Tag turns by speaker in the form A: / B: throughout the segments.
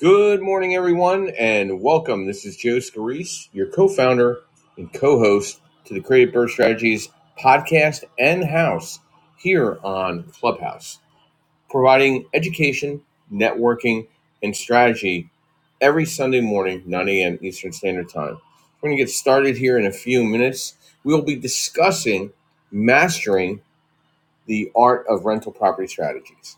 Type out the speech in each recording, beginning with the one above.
A: Good morning, everyone, and welcome. This is Joe Scarice, your co founder and co host to the Creative Birth Strategies podcast and house here on Clubhouse, providing education, networking, and strategy every Sunday morning, 9 a.m. Eastern Standard Time. We're going to get started here in a few minutes. We'll be discussing mastering the art of rental property strategies.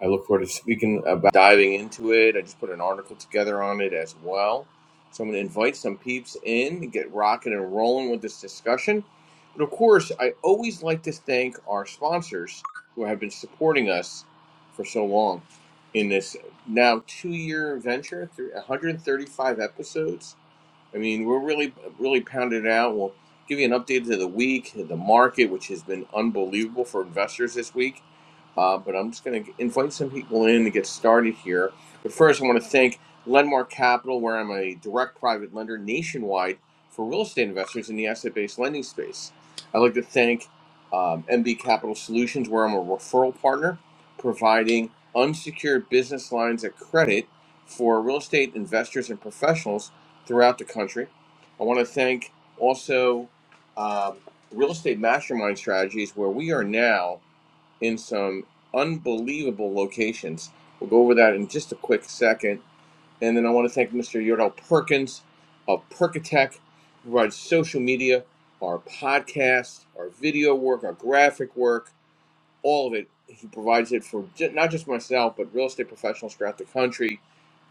A: I look forward to speaking about diving into it. I just put an article together on it as well. So I'm going to invite some peeps in to get rocking and rolling with this discussion. But of course, I always like to thank our sponsors who have been supporting us for so long in this now two year venture through 135 episodes. I mean, we're really, really pounded it out. We'll give you an update to the week, the market, which has been unbelievable for investors this week. Uh, but I'm just going to invite some people in to get started here. But first, I want to thank Lendmark Capital, where I'm a direct private lender nationwide for real estate investors in the asset based lending space. I'd like to thank um, MB Capital Solutions, where I'm a referral partner, providing unsecured business lines of credit for real estate investors and professionals throughout the country. I want to thank also um, Real Estate Mastermind Strategies, where we are now in some unbelievable locations. We'll go over that in just a quick second. And then I want to thank Mr. Yordell Perkins of Perkatech, who provides social media, our podcast, our video work, our graphic work, all of it. He provides it for not just myself, but real estate professionals throughout the country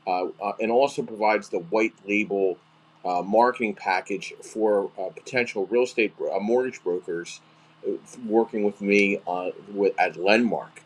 A: uh, uh, and also provides the white label uh, marketing package for uh, potential real estate uh, mortgage brokers uh, working with me uh, with, at Lendmark.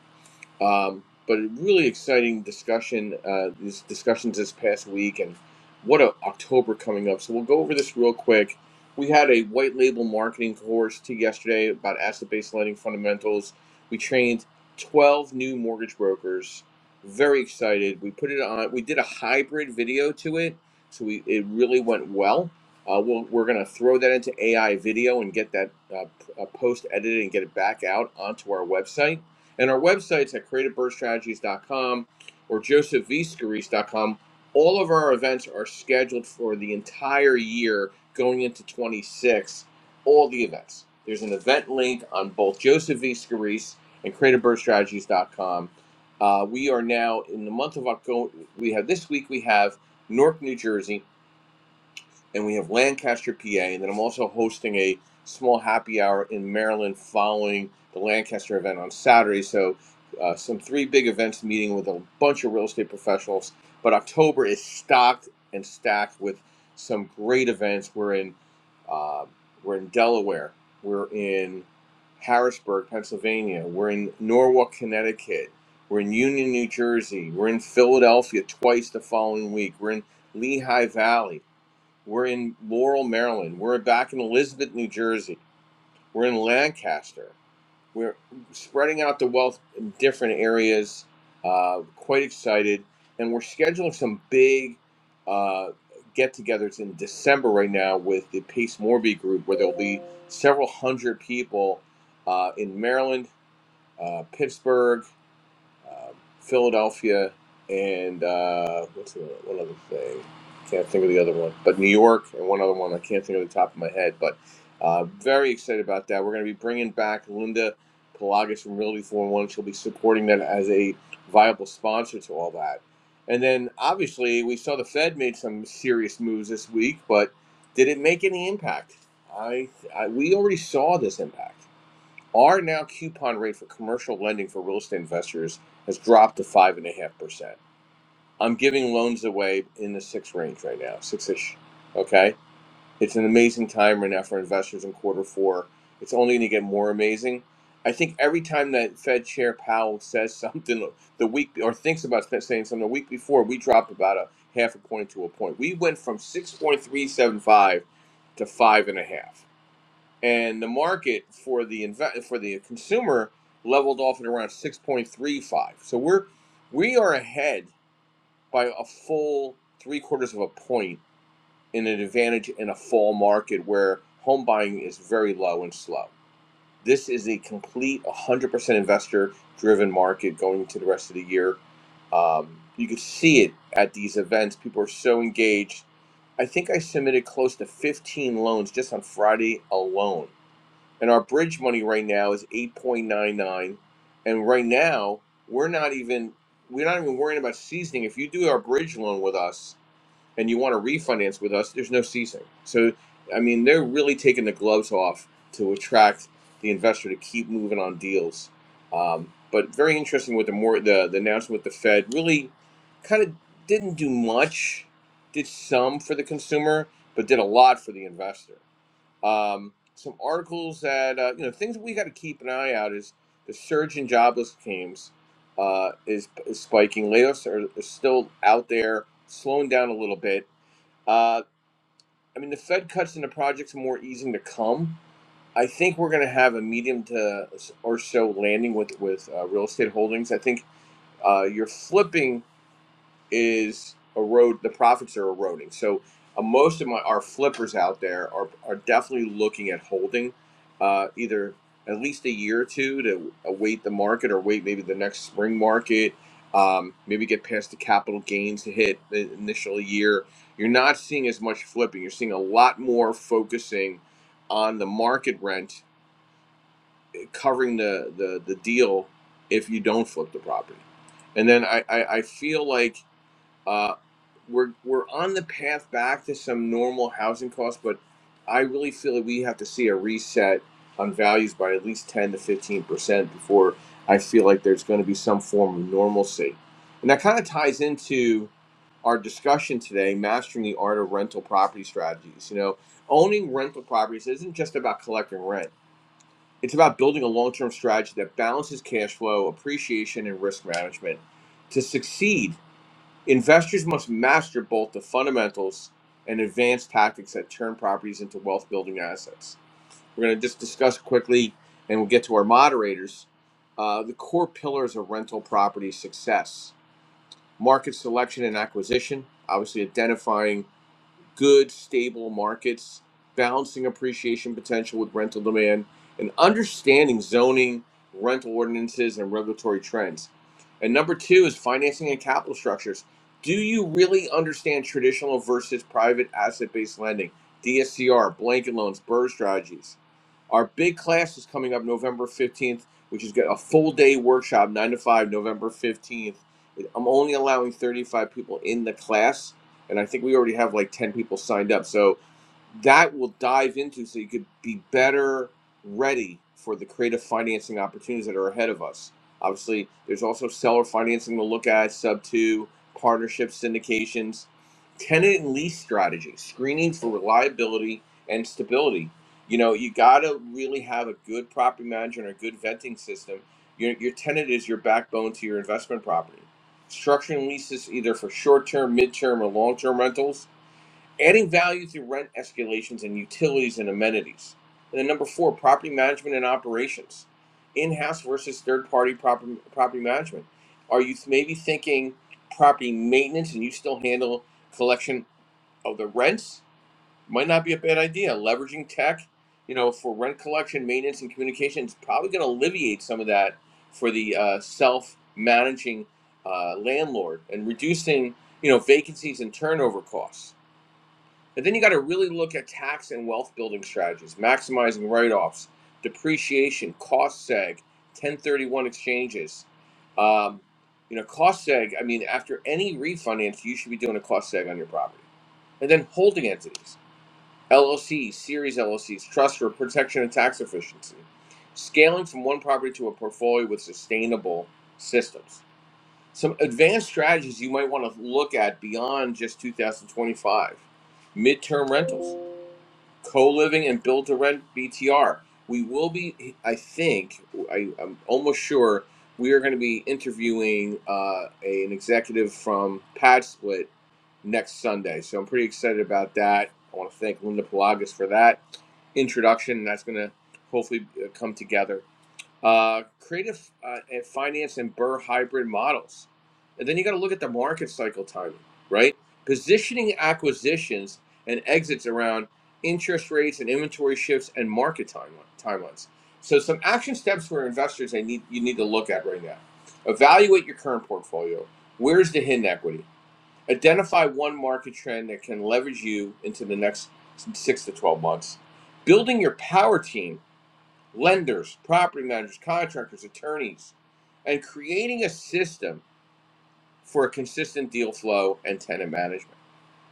A: Um, but a really exciting discussion, uh, these discussions this past week, and what a October coming up. So we'll go over this real quick. We had a white label marketing course to yesterday about asset based lending fundamentals. We trained 12 new mortgage brokers. Very excited. We put it on, we did a hybrid video to it. So we, it really went well. Uh, we'll, we're going to throw that into AI video and get that uh, p- uh, post edited and get it back out onto our website and our websites at creativebirdstrategies.com or josephvscarice.com. All of our events are scheduled for the entire year going into 26. All the events. There's an event link on both Joseph V. Scarice and creativebirdstrategies.com. Uh, we are now in the month of October. We have this week, we have Newark, New Jersey and we have Lancaster, PA, and then I'm also hosting a small happy hour in Maryland following the Lancaster event on Saturday. So, uh, some three big events meeting with a bunch of real estate professionals. But October is stocked and stacked with some great events. We're in uh, we're in Delaware, we're in Harrisburg, Pennsylvania, we're in Norwalk, Connecticut, we're in Union, New Jersey, we're in Philadelphia twice the following week, we're in Lehigh Valley. We're in Laurel, Maryland. We're back in Elizabeth, New Jersey. We're in Lancaster. We're spreading out the wealth in different areas. Uh, quite excited. And we're scheduling some big uh, get togethers in December right now with the Pace Morby group, where there'll be several hundred people uh, in Maryland, uh, Pittsburgh um, Philadelphia, and uh, what's the one other thing? Can't think of the other one, but New York and one other one I can't think of the top of my head. But uh, very excited about that. We're going to be bringing back Linda Pelagas from Realty 401. She'll be supporting that as a viable sponsor to all that. And then obviously we saw the Fed made some serious moves this week, but did it make any impact? I, I we already saw this impact. Our now coupon rate for commercial lending for real estate investors has dropped to five and a half percent. I'm giving loans away in the six range right now, six ish. Okay. It's an amazing time right now for investors in quarter four. It's only going to get more amazing. I think every time that Fed Chair Powell says something the week or thinks about saying something the week before, we drop about a half a point to a point. We went from 6.375 to five and a half and the market for the inve- for the consumer leveled off at around 6.35. So we're we are ahead by a full three quarters of a point in an advantage in a fall market where home buying is very low and slow. This is a complete 100% investor driven market going into the rest of the year. Um, you can see it at these events. People are so engaged. I think I submitted close to 15 loans just on Friday alone and our bridge money right now is 8.99 and right now we're not even we're not even worrying about seasoning if you do our bridge loan with us and you want to refinance with us there's no seasoning so i mean they're really taking the gloves off to attract the investor to keep moving on deals um, but very interesting with the more the, the announcement with the fed really kind of didn't do much did some for the consumer but did a lot for the investor um, some articles that uh, you know things that we got to keep an eye out is the surge in jobless claims uh, is, is spiking. Layoffs are, are still out there, slowing down a little bit. Uh, I mean, the Fed cuts into projects are more easing to come. I think we're going to have a medium to or so landing with with uh, real estate holdings. I think uh, you're flipping is erode the profits are eroding. So uh, most of my our flippers out there are are definitely looking at holding uh, either at least a year or two to await the market or wait maybe the next spring market. Um, maybe get past the capital gains to hit the initial year. You're not seeing as much flipping. You're seeing a lot more focusing on the market rent covering the the, the deal if you don't flip the property. And then I, I, I feel like uh, we're we're on the path back to some normal housing costs, but I really feel that we have to see a reset on values by at least ten to fifteen percent before I feel like there's going to be some form of normalcy, and that kind of ties into our discussion today, mastering the art of rental property strategies. You know, owning rental properties isn't just about collecting rent. It's about building a long-term strategy that balances cash flow, appreciation, and risk management. To succeed, Investors must master both the fundamentals and advanced tactics that turn properties into wealth building assets. We're going to just discuss quickly, and we'll get to our moderators. Uh, the core pillars of rental property success market selection and acquisition, obviously identifying good, stable markets, balancing appreciation potential with rental demand, and understanding zoning, rental ordinances, and regulatory trends. And number two is financing and capital structures. Do you really understand traditional versus private asset based lending, DSCR, blanket loans, BRRRR strategies? Our big class is coming up November 15th, which is got a full day workshop, 9 to 5, November 15th. I'm only allowing 35 people in the class and I think we already have like ten people signed up. So that will dive into so you could be better ready for the creative financing opportunities that are ahead of us. Obviously, there's also seller financing to look at, sub two, partnerships, syndications, tenant and lease strategy, screening for reliability and stability. You know, you got to really have a good property manager and a good venting system. Your, your tenant is your backbone to your investment property. Structuring leases either for short term, mid term, or long term rentals adding value through rent escalations and utilities and amenities. And then number four, property management and operations, in-house versus third-party property property management. Are you maybe thinking property maintenance and you still handle collection of the rents? Might not be a bad idea. Leveraging tech, you know, for rent collection, maintenance, and communication is probably going to alleviate some of that for the uh, self-managing uh, landlord and reducing, you know, vacancies and turnover costs but then you got to really look at tax and wealth building strategies, maximizing write offs, depreciation, cost seg, 1031 exchanges. Um, you know, cost seg, I mean, after any refinance, you should be doing a cost seg on your property. And then holding entities, LLCs, series LLCs, trust for protection and tax efficiency, scaling from one property to a portfolio with sustainable systems. Some advanced strategies you might want to look at beyond just 2025 midterm rentals co-living and build to rent BTR. We will be, I think, I, I'm almost sure we are going to be interviewing uh, a, an executive from Pad Split next Sunday. So I'm pretty excited about that. I want to thank Linda Pelagas for that introduction. That's going to hopefully uh, come together uh, creative uh, and finance and Burr hybrid models. And then you got to look at the market cycle timing, right? Positioning acquisitions and exits around interest rates and inventory shifts and market time, timelines. So some action steps for investors they need you need to look at right now. Evaluate your current portfolio. Where's the hidden equity? Identify one market trend that can leverage you into the next six to 12 months. Building your power team lenders, property managers, contractors, attorneys, and creating a system for a consistent deal flow and tenant management.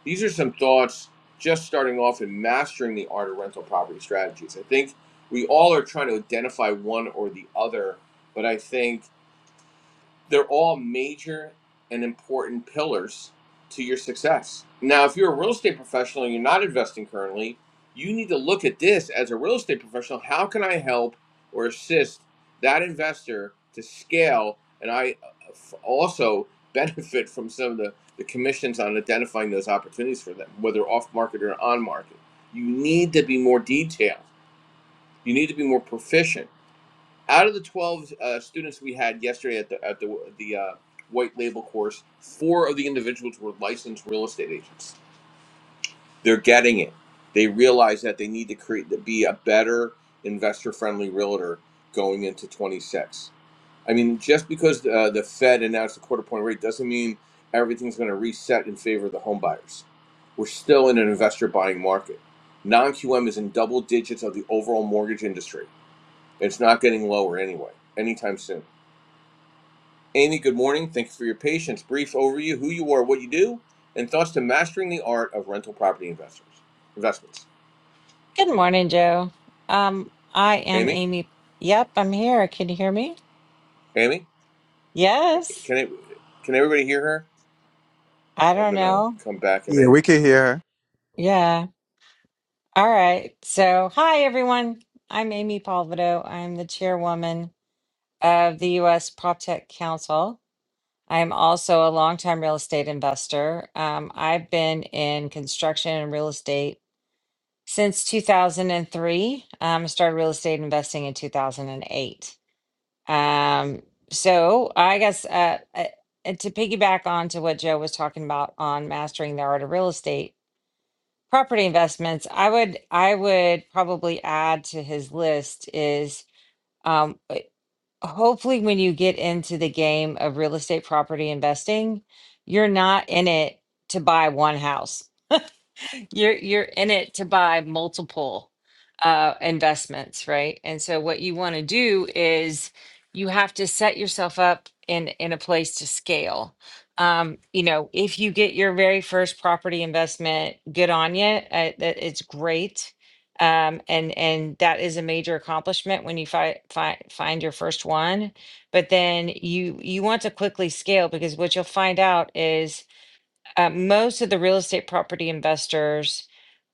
A: These are some thoughts just starting off in mastering the art of rental property strategies. I think we all are trying to identify one or the other, but I think they're all major and important pillars to your success. Now, if you're a real estate professional and you're not investing currently, you need to look at this as a real estate professional. How can I help or assist that investor to scale? And I uh, also benefit from some of the, the commissions on identifying those opportunities for them, whether off market or on market. You need to be more detailed, you need to be more proficient out of the 12 uh, students we had yesterday at the at the the uh, white label course, four of the individuals were licensed real estate agents. They're getting it. They realize that they need to create to be a better investor friendly realtor going into 26. I mean, just because uh, the Fed announced a quarter point rate doesn't mean everything's going to reset in favor of the home buyers. We're still in an investor buying market. Non QM is in double digits of the overall mortgage industry. It's not getting lower anyway, anytime soon. Amy, good morning. Thank you for your patience. Brief overview who you are, what you do, and thoughts to mastering the art of rental property investors. Investments.
B: Good morning, Joe. Um, I am
A: Amy?
B: Amy. Yep, I'm here. Can you hear me?
A: Amy? Okay,
B: Yes.
A: Can it, can everybody hear her?
B: I
A: I'm
B: don't
A: going to
B: know.
A: come back and
C: Yeah,
A: in.
C: we can
A: Yep.
C: hear her.
B: Yeah. All right. So, hi, everyone. I'm Amy Palvido. I'm the chairwoman of the U.S. PropTech Council. I'm also a longtime real estate investor. Um, I've been in construction and real estate since 2003. Um, I started real estate investing in 2008. Um, so I guess uh, uh, and to piggyback on to what Joe was talking about on mastering the art of real estate property investments, I would I would probably add to his list is um, uh, hopefully when you get into the game of real estate property investing, you're not in it to buy one house. You're you're in it to buy multiple uh investments, right? And so what you want to do is you have to set yourself up in in a place to scale. Um, you know, if you get your very first property investment, good on you. Uh, that it's great. Um, and and that is a major accomplishment when you fi- fi- find your first one. But then you you want to quickly scale because what you'll find out is uh, most of the real estate property investors,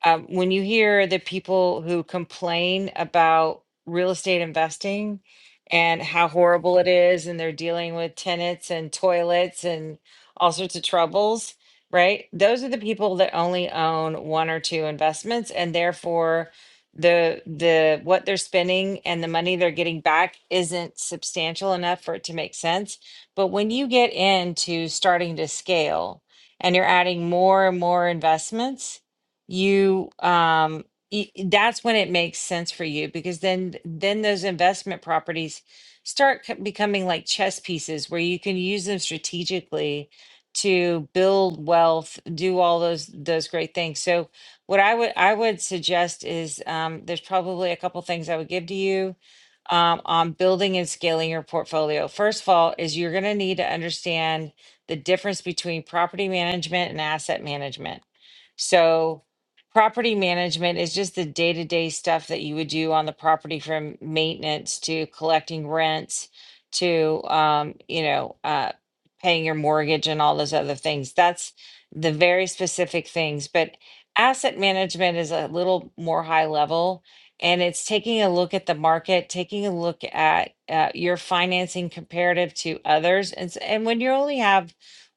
B: um, when you hear the people who complain about real estate investing and how horrible it is, and they're dealing with tenants and toilets and all sorts of troubles, right? Those are the people that only own one or two investments, and therefore the the what they're spending and the money they're getting back isn't substantial enough for it to make sense but when you get into starting to scale and you're adding more and more investments, you um y- that's when it makes sense for you because then then those investment properties start co- becoming like chess pieces where you can use them strategically to build wealth, do all those those great things. So what I would I would suggest is um, there's probably a couple things I would give to you um, on building and scaling your portfolio. First of all, is you're going to need to understand the difference between property management and asset management. So, property management is just the day to day stuff that you would do on the property from maintenance to collecting rents to, um, you know, uh, paying your mortgage and all those other things. That's the very specific things. But asset management is a little more high level and it's taking a look at the market, taking a look at uh, your financing comparative to others. And, s- and when you only have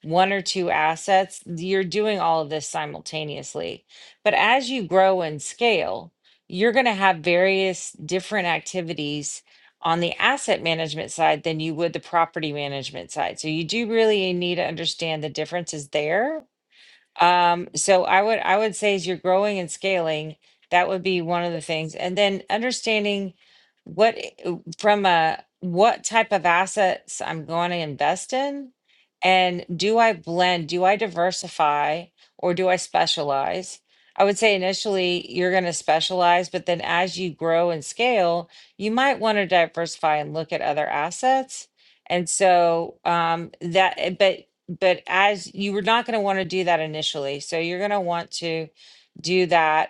B: one or two assets, you're doing all of this simultaneously. But as you grow and scale, you're going to have various different activities on the asset management side than you would the property management side. So you do really need to understand the differences there um, so I would I would say as you're growing and scaling, that would be one of the things. And then understanding what i- uh, from a what type of assets I'm going to invest in and do I blend, do I diversify or do I specialize? I would say initially you're going to specialize, but then as you grow and scale, you might want to diversify and look at other assets. And so um, that, uh, but but as you were not going to want to do that initially so you're going to want to do that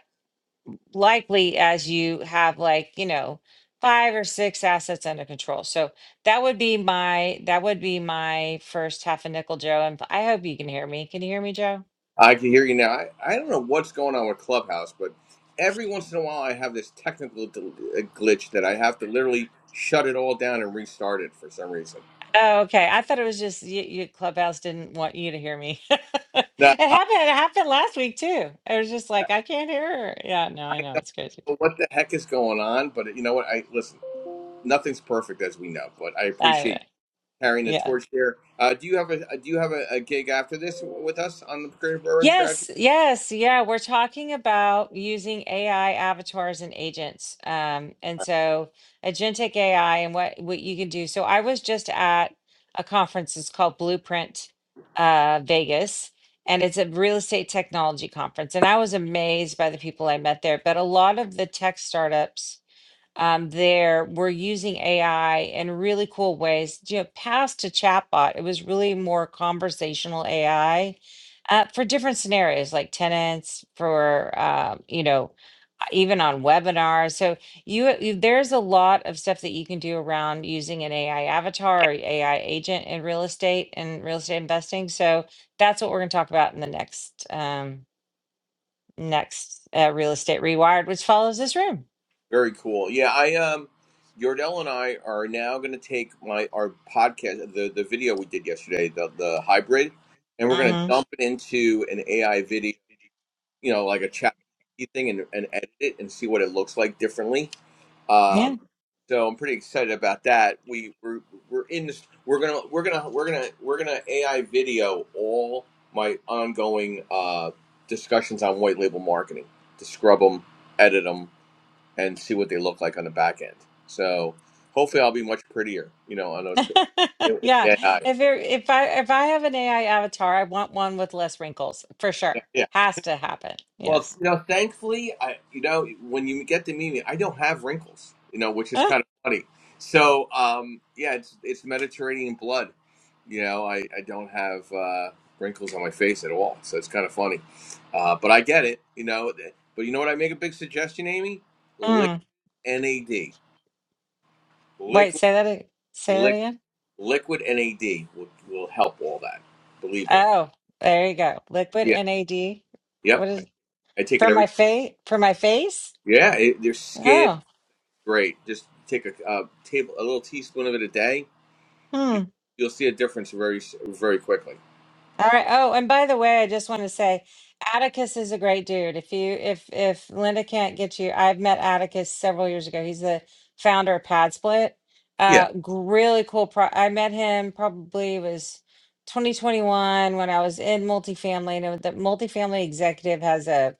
B: likely as you have like you know five or six assets under control so that would be my that would be my first half a nickel joe and i hope you can hear me can you hear me joe
A: I can hear you now. I, I don't know what's going on with Clubhouse, but every once in a while I have this technical del- uh, glitch that I have to literally shut it all down and restart it for some reason.
B: oh okay i thought it was just you, you clubhouse didn't want you to hear me it
A: Now,
B: happened it happened last week too it was just like i can't hear her yeah no i
A: I
B: know
A: don't
B: it's crazy
A: know what the heck is going on, but you know what? I Listen, nothing's perfect as we know, but I
B: I,
A: appreciate carrying the
B: yeah
A: torch here. Uh, do you have a uh, do you have a, a gig after this with us on the Creative Railroad Strategy?
B: Yes, yes, yeah. We're talking about using AI avatars and agents. Um, and so agentic AI and what what you can do. So I was just at a conference, it's called Blueprint uh Vegas, and it's a real estate technology conference. And I was amazed by the people I met there, but a lot of the tech startups um, there. We're using AI in really cool ways. You know, past a chatbot, it was really more conversational AI uh, for different scenarios, like tenants, for uh, you know, uh, even on webinars. So you, uh, you there's a lot of stuff that you can do around using an AI avatar or AI agent in real estate and real estate investing. So that's what we're going to talk about in the next um next uh, real estate rewired, which follows this room.
A: Very cool. Yeah, I um, Yordell and I are now going to take my our podcast, the the video we did yesterday, the the hybrid, and we're going to
B: hmm
A: dump it into an AI video, you know, like a chat thing, and, and edit it and see what it looks like differently
B: Yeah.
A: Um, so I'm pretty excited about that. We we're, we're in this. We're gonna we're gonna we're gonna we're gonna AI video all my ongoing uh, discussions on white label marketing to scrub them, edit them, and see what they look like on the back end. So hopefully I'll be much prettier, you know, on those in-
B: Yeah.
A: in AI.
B: If there, if I if I have an AI avatar, I want one with less wrinkles for
A: Yeah,
B: sure.
A: yeah.
B: Has to happen.
A: Well,
B: Yes.
A: you know, thankfully, I you know when you get to meet me, I don't have wrinkles, you know, which is kind of funny. So, um, yeah, it's it's Mediterranean blood. You know, I I don't have uh, wrinkles on my face at all, so it's kind of funny. Uh, but I get it, you know. th- But you know what? I make a big suggestion, Amy.
B: Uh,
A: Liquid
B: mm.
A: NAD,
B: Wait,
A: liquid
B: say that a- say that
A: liquid
B: again.
A: liquid NAD will will help all that. Believe me.
B: Oh, there you go. Liquid
A: Yeah.
B: NAD.
A: Yep.
B: What
A: I,
B: is
A: I take it
B: for
A: every.
B: my face for my face?
A: Yeah. It, their skin.
B: Oh.
A: great. Just take a, uh table, a little teaspoon of it a day.
B: hmm.
A: You, you'll see a difference very, very quickly.
B: All right. Oh, and by the way, I just want to say Atticus is a great dude. If you if if Linda can't get you, I've met Atticus several years ago. He's the founder of Pad Split.
A: Yeah.
B: Uh g- really cool pro I met him probably it was 2021 when I was in multifamily and the multifamily executive has a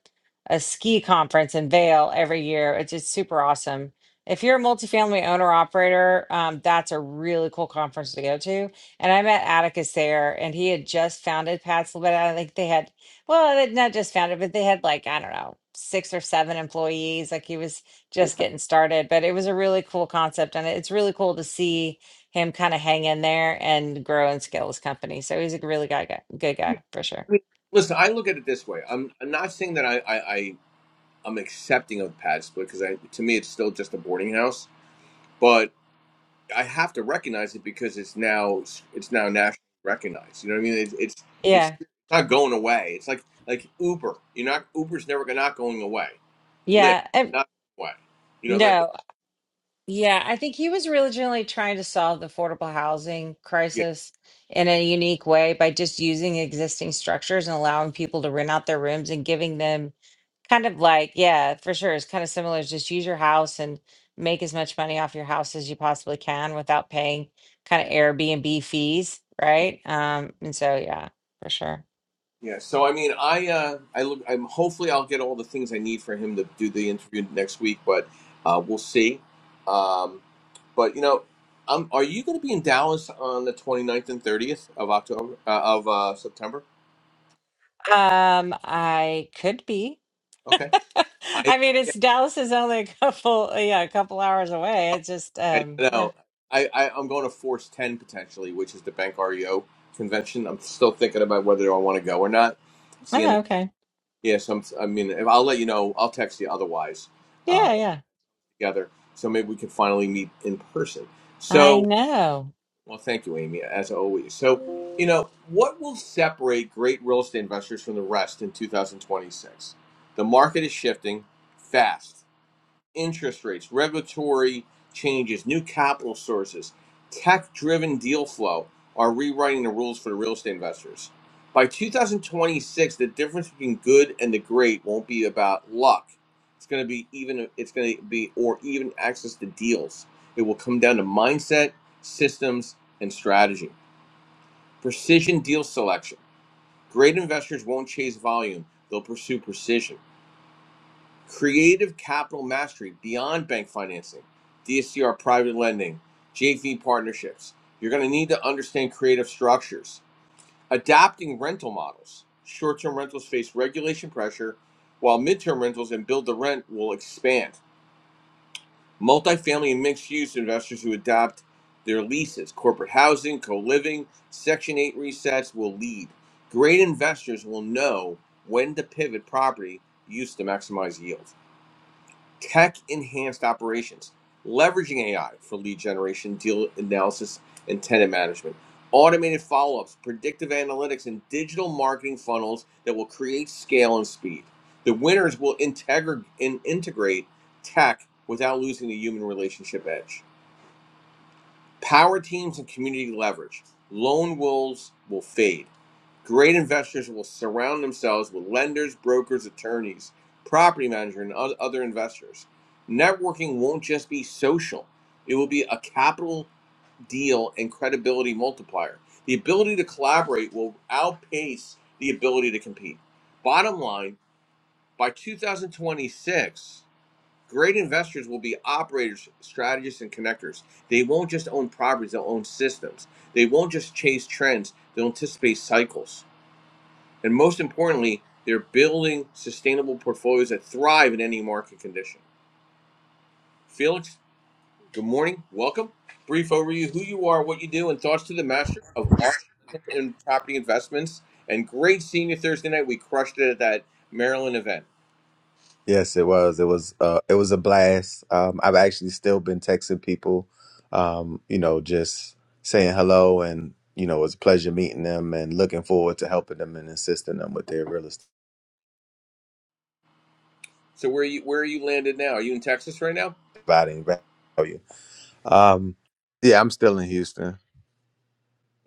B: a ski conference in Vail every year. It's just super awesome. If you're a multifamily owner operator, um, that's a really cool conference to go to and I met Atticus there, and he had just founded Paxil, But I think they had, well, they not just founded, but they had like, I don't know, six or seven employees. Like he was just getting started, but it was a really cool concept. And it's really cool to see him kind of hang in there and grow and scale his company. So he's a really guy, guy good guy for sure.
A: I mean, listen, I look at it this way. I'm, I'm not saying that I, I, I I'm accepting of pad split because I, to me, it's still just a boarding house. But I have to recognize it because it's now, it's now nationally recognized. You know what I mean? It's, it's, it's
B: Yeah.
A: not going away. It's like, like Uber. You're not Uber's never not going away. Lyft
B: Yeah. And
A: not going away. You know, like.
B: no, Yeah, I think he was originally trying to solve the affordable housing crisis in a unique way by just using existing structures and allowing people to rent out their rooms and giving them kind of like, yeah, for sure. It's kind of similar. It's Just use your house and make as much money off your house as you possibly can without paying kind of Airbnb fees, right? Um, and so, yeah, for sure.
A: Yeah, so I mean, I uh, I look, I'm hopefully I'll get all the things I need for him to do the interview next week, but uh, we'll see. Um, but you know, um, are you going to be in Dallas on the twenty ninth and 30th of October uh, of uh, September?
B: Um, I could be.
A: Okay, I
B: I mean,
A: yeah,
B: it's Dallas is only a couple, yeah, a couple hours away. It's just,
A: I
B: um, yeah.
A: know. I, I I'm going to Force 10 potentially, which is the Bank REO convention. I'm still thinking about whether I want to go or not. Seeing
B: Oh, okay.
A: yes, I'm. I mean, if- I'll let you know. I'll text you otherwise. uh,
B: Yeah, yeah.
A: together. So maybe we could finally meet in person.
B: I
A: So,
B: know.
A: well, thank you, Amy, as always. So, you know, what will separate great real estate investors from the rest in 2026? The market is shifting fast interest rates, regulatory changes, new capital sources, tech driven deal flow are rewriting the rules for the real estate investors. By 2026, the difference between good and the great won't be about luck. It's going to be even, it's going to be, or even access to deals. It will come down to mindset, systems, and strategy. Precision deal selection. Great investors won't chase volume, they'll pursue precision. Creative Capital Mastery, Beyond Bank Financing, DSCR Private Lending, JV Partnerships. You're going to need to understand creative structures. Adapting rental models. Short term rentals face regulation pressure, while mid term rentals and build to rent will expand. Multifamily and mixed use investors who adapt their leases, corporate housing, co living, Section 8 resets will lead. Great investors will know when to pivot property use to maximize yield. Tech enhanced operations, leveraging AI for lead generation, deal analysis, and tenant management, automated follow ups, predictive analytics, and digital marketing funnels that will create scale and speed. The winners will integrate and integrate tech without losing the human relationship edge. Power teams and community leverage. Lone wolves will fade. Great investors will surround themselves with lenders, brokers, attorneys, property managers, and other investors. Networking won't just be social, it will be a capital deal and credibility multiplier. The ability to collaborate will outpace the ability to compete. Bottom line, by 2026, Great investors will be operators, strategists, and connectors. They won't just own properties, they'll own systems. They won't just chase trends, they'll anticipate cycles. And most importantly, they're building sustainable portfolios that thrive in any market condition. Felix, good morning. Welcome. Brief overview who you are, what you do, and thoughts to the master of art and property investments. And great seeing you Thursday night. We crushed it at that Maryland event.
C: Yes, it was. It was uh it was a blast. Um I've actually still been texting people, um, you know, just saying hello and you know, it was a pleasure meeting them and looking forward to helping them and assisting them with their real estate
A: So where are you where are you landed now? Are you in Texas right now?
C: providing value. Um yeah, I'm still in Houston.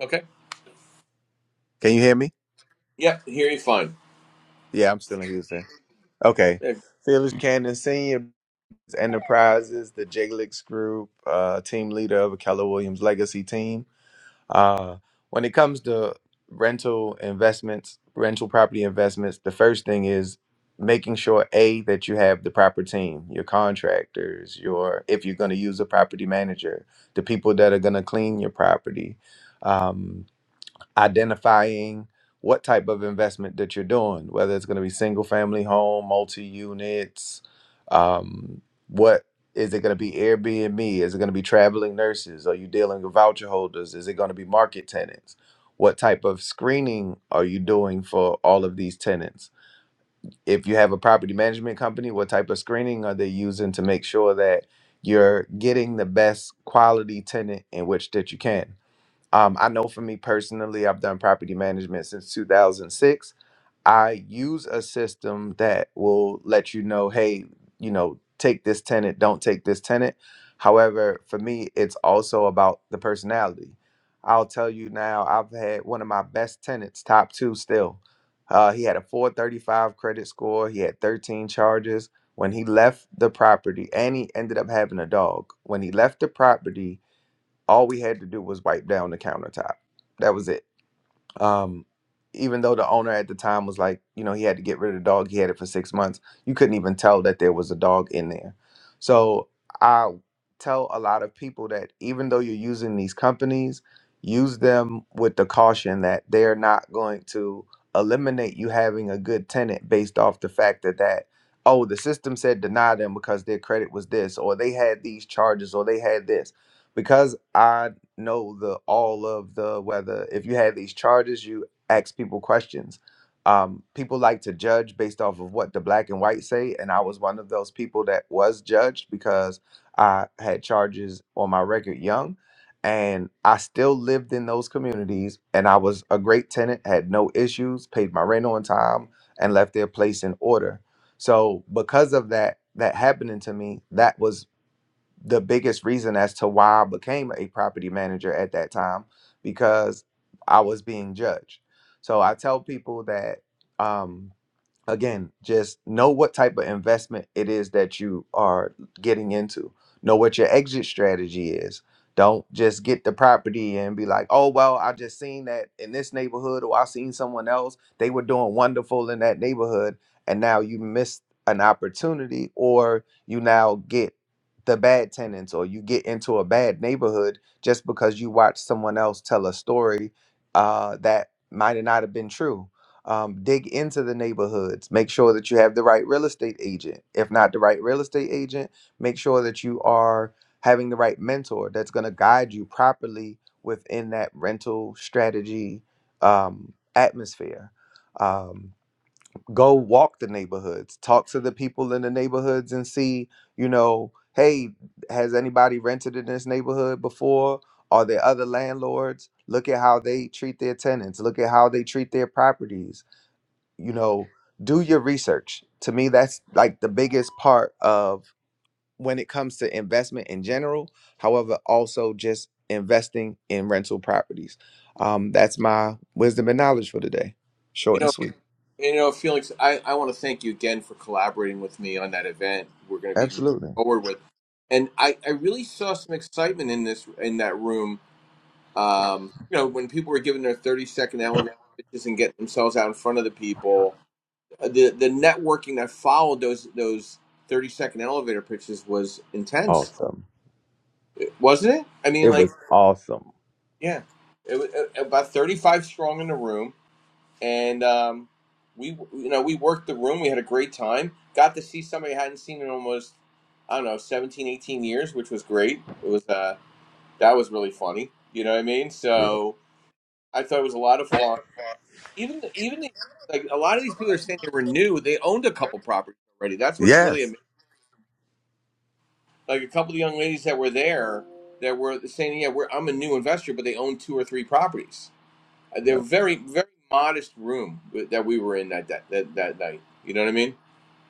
A: Okay.
C: Can you hear me?
A: Yep, here you fine.
C: Yeah, I'm still in Houston. Okay.
A: Yeah,
C: Felix Cannon Senior Enterprises, the Jiglix Group, uh team leader of a Keller Williams legacy team. Uh, when it comes to rental investments, rental property investments, the first thing is making sure a that you have the proper team, your contractors, your if you're going to use a property manager, the people that are going to clean your property. Um, identifying what type of investment that you're doing, whether it's going to be single family home, multi units, um, what is it going to be Airbnb? Is it going to be traveling nurses? Are you dealing with voucher holders? Is it going to be market tenants? What type of screening are you doing for all of these tenants? If you have a property management company, what type of screening are they using to make sure that you're getting the best quality tenant in which that you can? Um, I know for me personally, I've done property management since 2006. I use a system that will let you know, hey, you know, take this tenant, don't take this tenant. However, for me, it's also about the personality. I'll tell you now, I've had one of my best tenants, top two still. Uh, he had a 435 credit score, he had 13 charges. When he left the property, and he ended up having a dog. When he left the property, all we had to do was wipe down the countertop. That was it. Um, even though the owner at the time was like, you know, he had to get rid of the dog, he had it for six months. You couldn't even tell that there was a dog in there. So I tell a lot of people that even though you're using these companies, use them with the caution that they're not going to eliminate you having a good tenant based off the fact that that oh the system said deny them because their credit was this or they had these charges or they had this because I know the all of the whether if you had these charges you ask people questions um, people like to judge based off of what the black and white say and i was one of those people that was judged because i had charges on my record young and i still lived in those communities and i was a great tenant had no issues paid my rent on time and left their place in order so because of that that happening to me that was the biggest reason as to why I became a property manager at that time because I was being judged. So I tell people that um, again, just know what type of investment it is that you are getting into. Know what your exit strategy is. Don't just get the property and be like, oh, well, I just seen that in this neighborhood or I seen someone else. They were doing wonderful in that neighborhood. And now you missed an opportunity or you now get the bad tenants or you get into a bad neighborhood just because you watched someone else tell a story uh, that might not have been true um, dig into the neighborhoods make sure that you have the right real estate agent if not the right real estate agent make sure that you are having the right mentor that's going to guide you properly within that rental strategy um, atmosphere um, go walk the neighborhoods talk to the people in the neighborhoods and see you know hey has anybody rented in this neighborhood before are there other landlords look at how they treat their tenants look at how they treat their properties you know do your research to me that's like the biggest part of when it comes to investment in general however also just investing in rental properties um that's my wisdom and knowledge for today
A: You
C: short and
A: know,
C: sweet
A: you know, Felix, I, I want to thank you again for collaborating with me on that event. We're going to be moving
C: absolutely
A: forward with, and I, I really saw some excitement in this in that room. Um, you know, when people were giving their thirty second elevator pitches and getting themselves out in front of the people, uh, the the networking that followed those those thirty second elevator pitches was intense,
C: awesome
A: wasn't it? I mean,
C: it
A: like,
C: was awesome
A: yeah, it was uh, about thirty five strong in the room and um, we you know we worked the room we had a great time got to see somebody i hadn't seen in almost i don't know 17, 18 years which was great it was uh that was really funny you know what i mean
C: yeah.
A: so i thought it was a lot of fun even even the, like a lot of these people are saying they were new they owned a couple properties already that's what's really
C: yes
A: amazing like a couple of young ladies that were there that were saying yeah we're, i'm a new investor but they own two or three properties Uh, they're very very modest room that we were in that that that, that night you know what i mean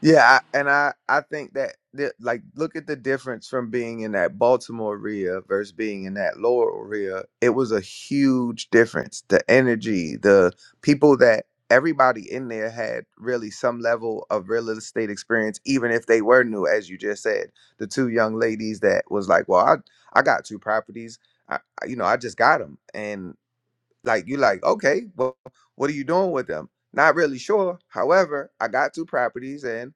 C: Yeah, I, and I I think that the, like look at the difference from being in that Baltimore area versus being in that Laurel area. It was a huge difference. The energy, the people that everybody in there had really some level of real estate experience, even if they were new, as you just said. The two young ladies that was like, well, I I got two properties. I I- you know I just got them, and." like you like okay well what are you doing with them not really sure however i got two properties and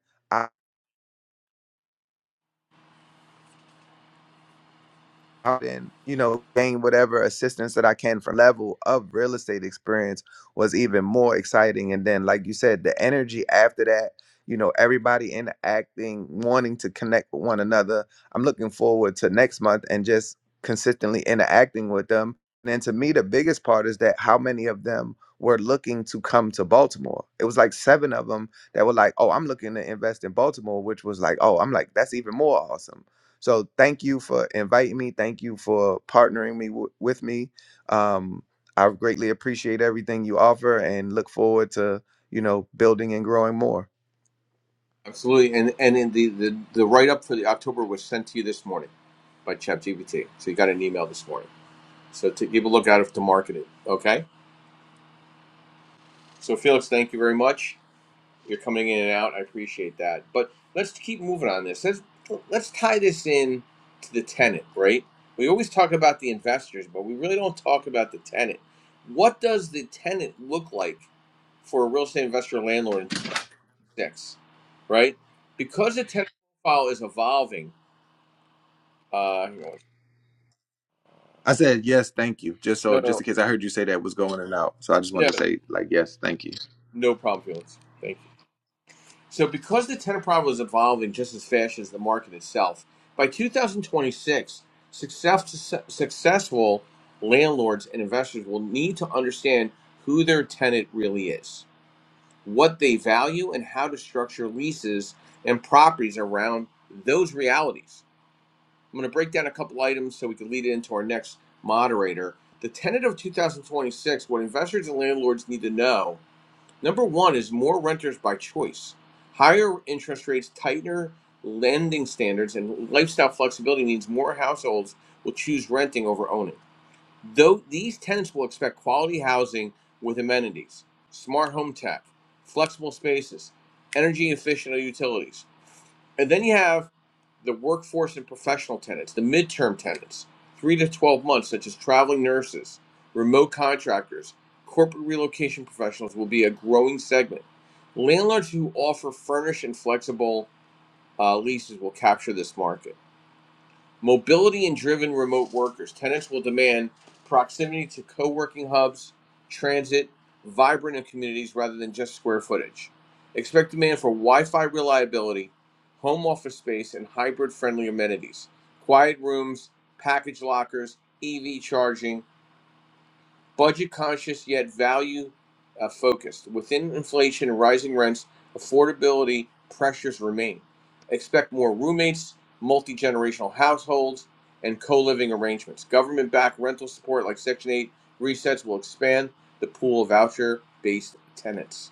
C: out and you know gain whatever assistance that I can from level of real estate experience was even more exciting and then like you said the energy after that you know everybody interacting wanting to connect with one another I'm looking forward to next month and just consistently interacting with them and to me the biggest part is that how many of them were looking to come to Baltimore it was like 7 of them that were like oh I'm looking to invest in Baltimore which was like oh I'm like that's even more awesome so thank you for inviting me. Thank you for partnering me w- with me. Um, I greatly appreciate everything you offer and look forward to you know building and growing more.
A: Absolutely, and and in the the, the write up for the October was sent to you this morning by ChatGPT, so you got an email this morning. So to keep a look at it to market it. Okay. So Felix, thank you very much. You're coming in and out. I appreciate that. But let's keep moving on this. Let's let's tie this in to the tenant, right? We always talk about the investors, but we really don't talk about the tenant. What does the tenant look like for a real estate investor landlord in 2006, right? Because the tenant profile is evolving Uh, hang on.
C: I said yes, thank you. Just so,
A: No,
C: just
A: no,
C: in case I heard you say that was going in and out, so I just
A: yeah,
C: wanted to say like yes, thank you.
A: no problem, Felix. Thank you. So, because the tenant problem is evolving just as fast as the market itself, by 2026, success, successful landlords and investors will need to understand who their tenant really is, what they value, and how to structure leases and properties around those realities. I'm going to break down a couple items so we can lead into our next moderator. The tenant of 2026, what investors and landlords need to know Number one is more renters by choice. Higher interest rates, tighter lending standards, and lifestyle flexibility means more households will choose renting over owning. Though these tenants will expect quality housing with amenities, smart home tech, flexible spaces, energy efficient utilities. And then you have the workforce and professional tenants, the midterm tenants, three to 12 months, such as traveling nurses, remote contractors, corporate relocation professionals will be a growing segment. Landlords who offer furnished and flexible uh, leases will capture this market. Mobility and driven remote workers. Tenants will demand proximity to co working hubs, transit, vibrant communities rather than just square footage. Expect demand for Wi Fi reliability, home office space, and hybrid friendly amenities. Quiet rooms, package lockers, EV charging, budget conscious yet value uh, focused. Within inflation and rising rents, affordability pressures remain. Expect more roommates, multi generational households, and co living arrangements. Government backed rental support like Section 8 resets will expand the pool of voucher based tenants.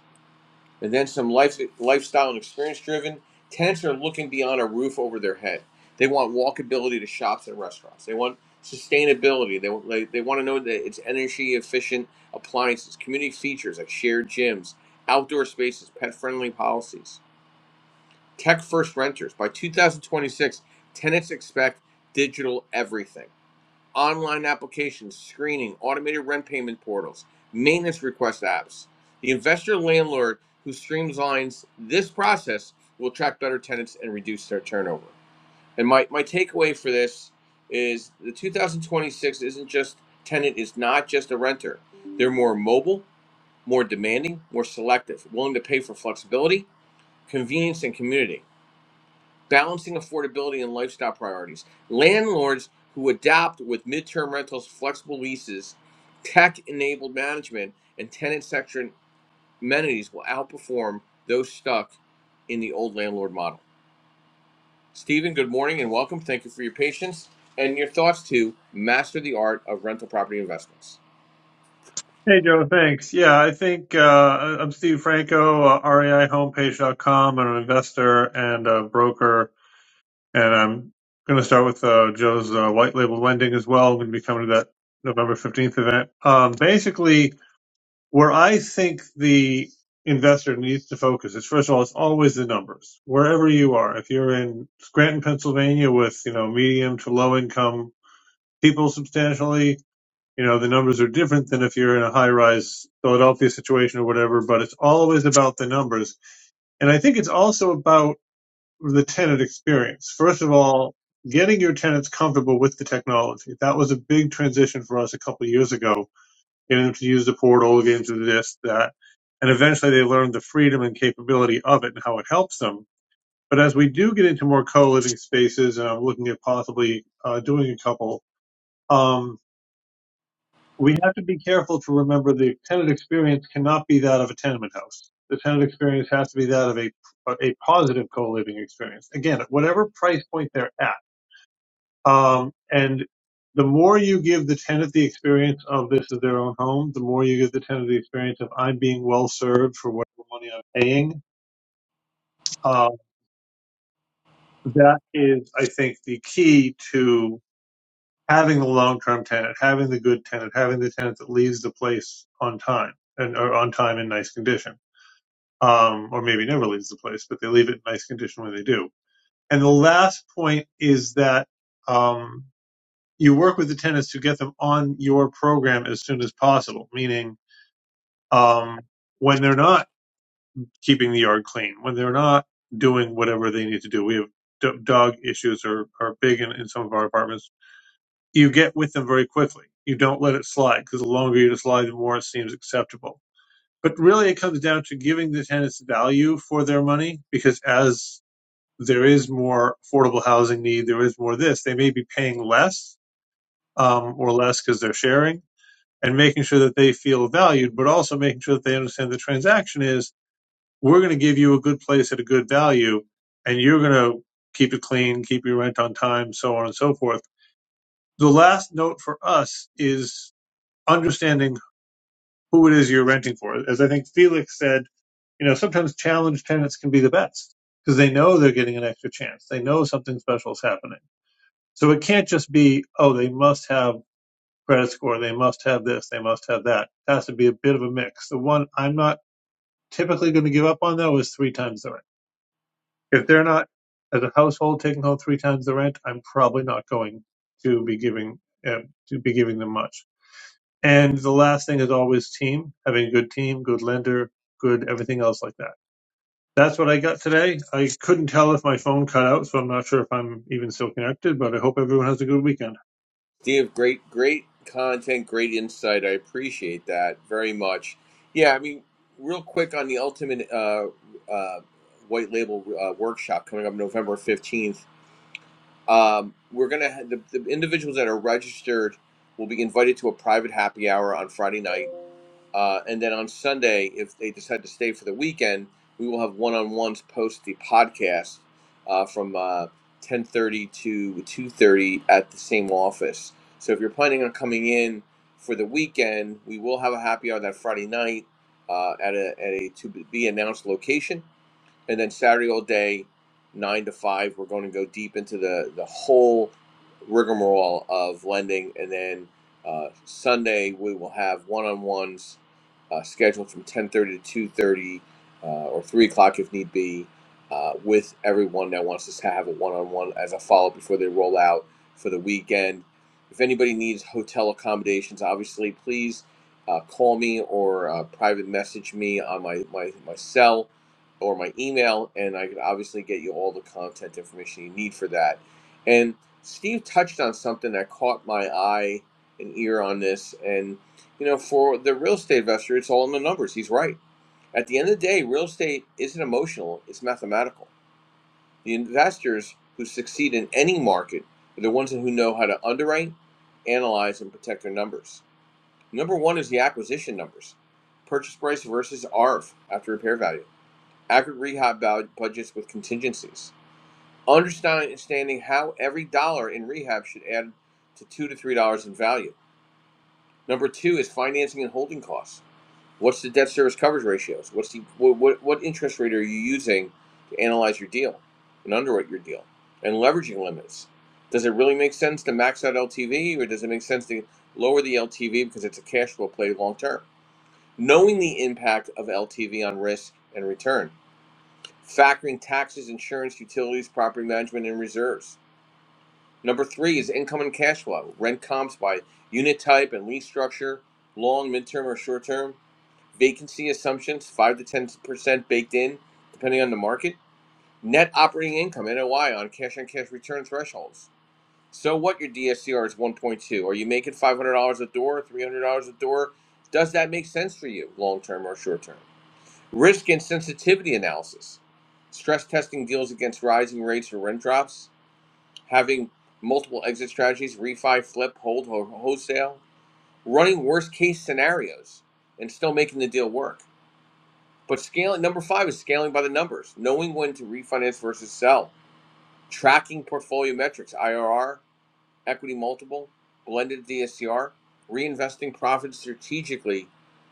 A: And then some life, lifestyle and experience driven. Tenants are looking beyond a roof over their head. They want walkability to shops and restaurants. They want sustainability. They, they, they want to know that it's energy efficient appliances, community features like shared gyms, outdoor spaces, pet friendly policies. Tech first renters. By 2026, tenants expect digital everything online applications, screening, automated rent payment portals, maintenance request apps. The investor landlord who streamlines this process will attract better tenants and reduce their turnover. And my, my takeaway for this is the 2026 isn't just tenant is not just a renter. They're more mobile, more demanding, more selective, willing to pay for flexibility, convenience, and community balancing affordability and lifestyle priorities. Landlords who adapt with midterm rentals, flexible leases, tech enabled management, and tenant section amenities will outperform those stuck in the old landlord model. Stephen, good morning and welcome. Thank you for your patience and your thoughts to master the art of rental property investments.
D: Hey, Joe. Thanks. Yeah, I think uh, I'm Steve Franco, uh, reihomepage.com. I'm an investor and a broker, and I'm going to start with uh, Joe's uh, white label lending as well. I'm going to be coming to that November 15th event. Um, basically, where I think the investor needs to focus is first of all, it's always the numbers. Wherever you are, if you're in Scranton, Pennsylvania, with you know medium to low income people substantially, you know the numbers are different than if you're in a high rise Philadelphia situation or whatever but it's always about the numbers and I think it's also about the tenant experience first of all getting your tenants comfortable with the technology that was a big transition for us a couple of years ago getting them to use the portal getting them to this that and eventually they learned the freedom and capability of it and how it helps them but as we do get into more co-living spaces and I'm looking at possibly uh, doing a couple um, we have to be careful to remember the tenant experience cannot be that of a tenement house. The tenant experience has to be that of a a positive co-living experience. Again, at whatever price point they're at, um, and the more you give the tenant the experience of this is their own home, the more you give the tenant the experience of I'm being well served for whatever money I'm paying. Um, that is, I think, the key to. having the long-term tenant, having the good tenant, having the tenant that leaves the place on time and or on time in nice condition, um, or maybe never leaves the place, but they leave it in nice condition when they do. And the last point is that um, you work with the tenants to get them on your program as soon as possible, meaning um, when they're not keeping the yard clean, when they're not doing whatever they need to do. We have d- dog issues are, are big in, in some of our apartments you get with them very quickly. You don't let it slide because the longer you slide, the more it seems acceptable. But really, it comes down to giving the tenants value for their money because as there is more affordable housing need, there is more this, they may be paying less um, or less because they're sharing and making sure that they feel valued, but also making sure that they understand the transaction is we're going to give you a good place at a good value and you're going to keep it clean, keep your rent on time, so on and so forth the last note for us is understanding who it is you're renting for. As I think Felix said, you know, sometimes challenged tenants can be the best because they know they're getting an extra chance. They know something special is happening. So it can't just be, oh, they must have credit score. They must have this. They must have that. It has to be a bit of a mix. The one I'm not typically going to give up on though is three times the rent. If they're not as a household taking home three times the rent, I'm probably not going to be giving, uh, to be giving them much. And the last thing is always team, having a good team, good lender, good everything else like that. That's what I got today. I couldn't tell if my phone cut out, so I'm not sure if I'm even still connected, but I hope everyone has a good weekend.
A: Dave, great, great content, great insight. I appreciate that very much. Yeah, I mean, real quick on the ultimate uh, uh, white label uh, workshop coming up November fifteenth. Um, we're gonna have the, the individuals that are registered will be invited to a private happy hour on Friday night uh, and then on Sunday, if they decide to stay for the weekend, we will have one-on-ones post the podcast uh, from uh, 10:30 to 2:30 at the same office. So if you're planning on coming in for the weekend, we will have a happy hour that Friday night uh, at a at a to be announced location and then Saturday all day, nine to five. We're going to go deep into the the whole rigmarole of lending, and then uh, Sunday we will have one-on-ones uh, scheduled from ten thirty to two thirty uh, or three o'clock if need be, uh, with everyone that wants us to have a one-on-one as a follow-up before they roll out for the weekend. If anybody needs hotel accommodations, obviously please. Uh, call me or uh, private message me on my, my, my cell or my email, and I can obviously get you all the content information you need for that. And Steve touched on something that caught my eye and ear on this. And, you know, for the real estate investor, it's all in the numbers. He's right. At the end of the day, real estate isn't emotional, it's mathematical. The investors who succeed in any market are the ones who know how to underwrite, analyze, and protect their numbers. Number one is the acquisition numbers purchase price versus ARV after repair value accurate rehab budgets with contingencies, understanding how every dollar in rehab should add to two to three dollars in value. Number two is financing and holding costs. What's the debt service coverage ratios? What's the what, what, what interest rate are you using to analyze your deal and underwrite your deal? And leveraging limits. Does it really make sense to max out LTV or does it make sense to lower the LTV because it's a cash flow play long term? Knowing the impact of LTV on risk and return factoring taxes, insurance, utilities, property management, and reserves. Number three is income and cash flow. Rent comps by unit type and lease structure, long, midterm, or short term. Vacancy assumptions, 5 to 10% baked in, depending on the market. Net operating income, NOI, on cash on cash return thresholds. So what your DSCR is 1.2? Are you making $500 a door, $300 a door? Does that make sense for you, long term or short term? Risk and sensitivity analysis. Stress testing deals against rising rates or rent drops. Having multiple exit strategies, refi, flip, hold, or wholesale. Running worst case scenarios and still making the deal work. But scaling, number five is scaling by the numbers, knowing when to refinance versus sell. Tracking portfolio metrics, IRR, equity multiple, blended DSCR, reinvesting profits strategically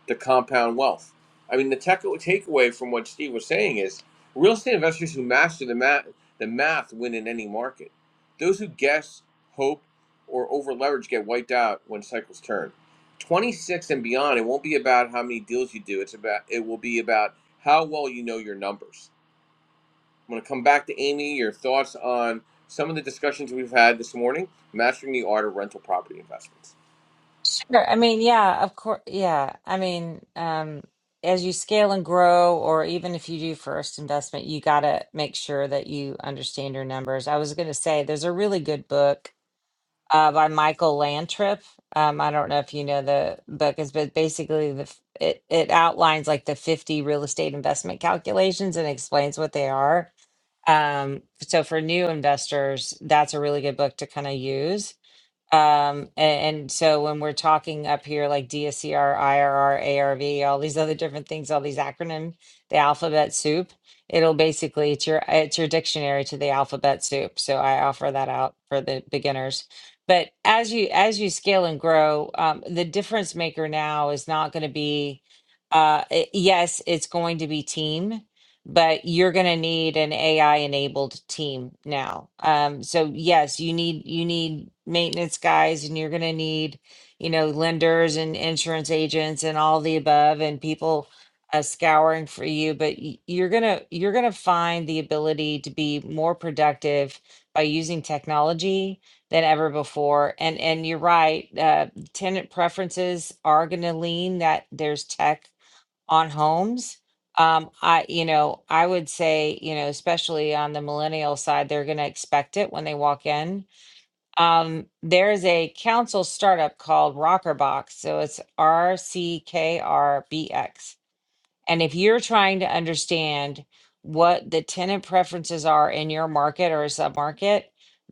A: to compound wealth. I mean, the tech- takeaway from what Steve was saying is real estate investors who master the math, the math win in any market. Those who guess, hope, or over leverage get wiped out when cycles turn. 26 and beyond, it won't be about how many deals you do. It's about it will be about how well you know your numbers I'm going to come back to Amy. Your thoughts on some of the discussions we've had this morning, mastering the art of rental property investments.
B: Sure. I mean, yeah, of course. Yeah. I mean, um, as you scale and grow, or even if you do first investment, you got to make sure that you understand your numbers. I was going to say there's a really good book uh, by Michael Landrip. Um, I don't know if you know the book is, but basically the f- it, it outlines like the 50 real estate investment calculations and explains what they are. Um, so for new investors, that's a really good book to kind of use Um, a- and, so when we're talking up here like DSCRIRRARV, all these other different things, all these acronym, the alphabet soup, it'll basically it's your it's your dictionary to the alphabet soup. So I offer that out for the beginners. But as you as you scale and grow, um, the difference maker now is not going to be uh, it- yes, it's going to be team but you're going to need an AI enabled team now. Um, so yes, you need you need maintenance guys, and you're going to need you know lenders and insurance agents and all the above, and people uh, scouring for you. But y- you're gonna you're gonna find the ability to be more productive by using technology than ever before. And and you're right, uh, tenant preferences are going to lean that there's tech on homes. Um, I, you know, I would say, you know, especially on the millennial side, they're going to expect it when they walk in. Um, there's a council startup called Rockerbox. So it's R C K R B X and if you're trying to understand what the tenant preferences are in your market or a submarket,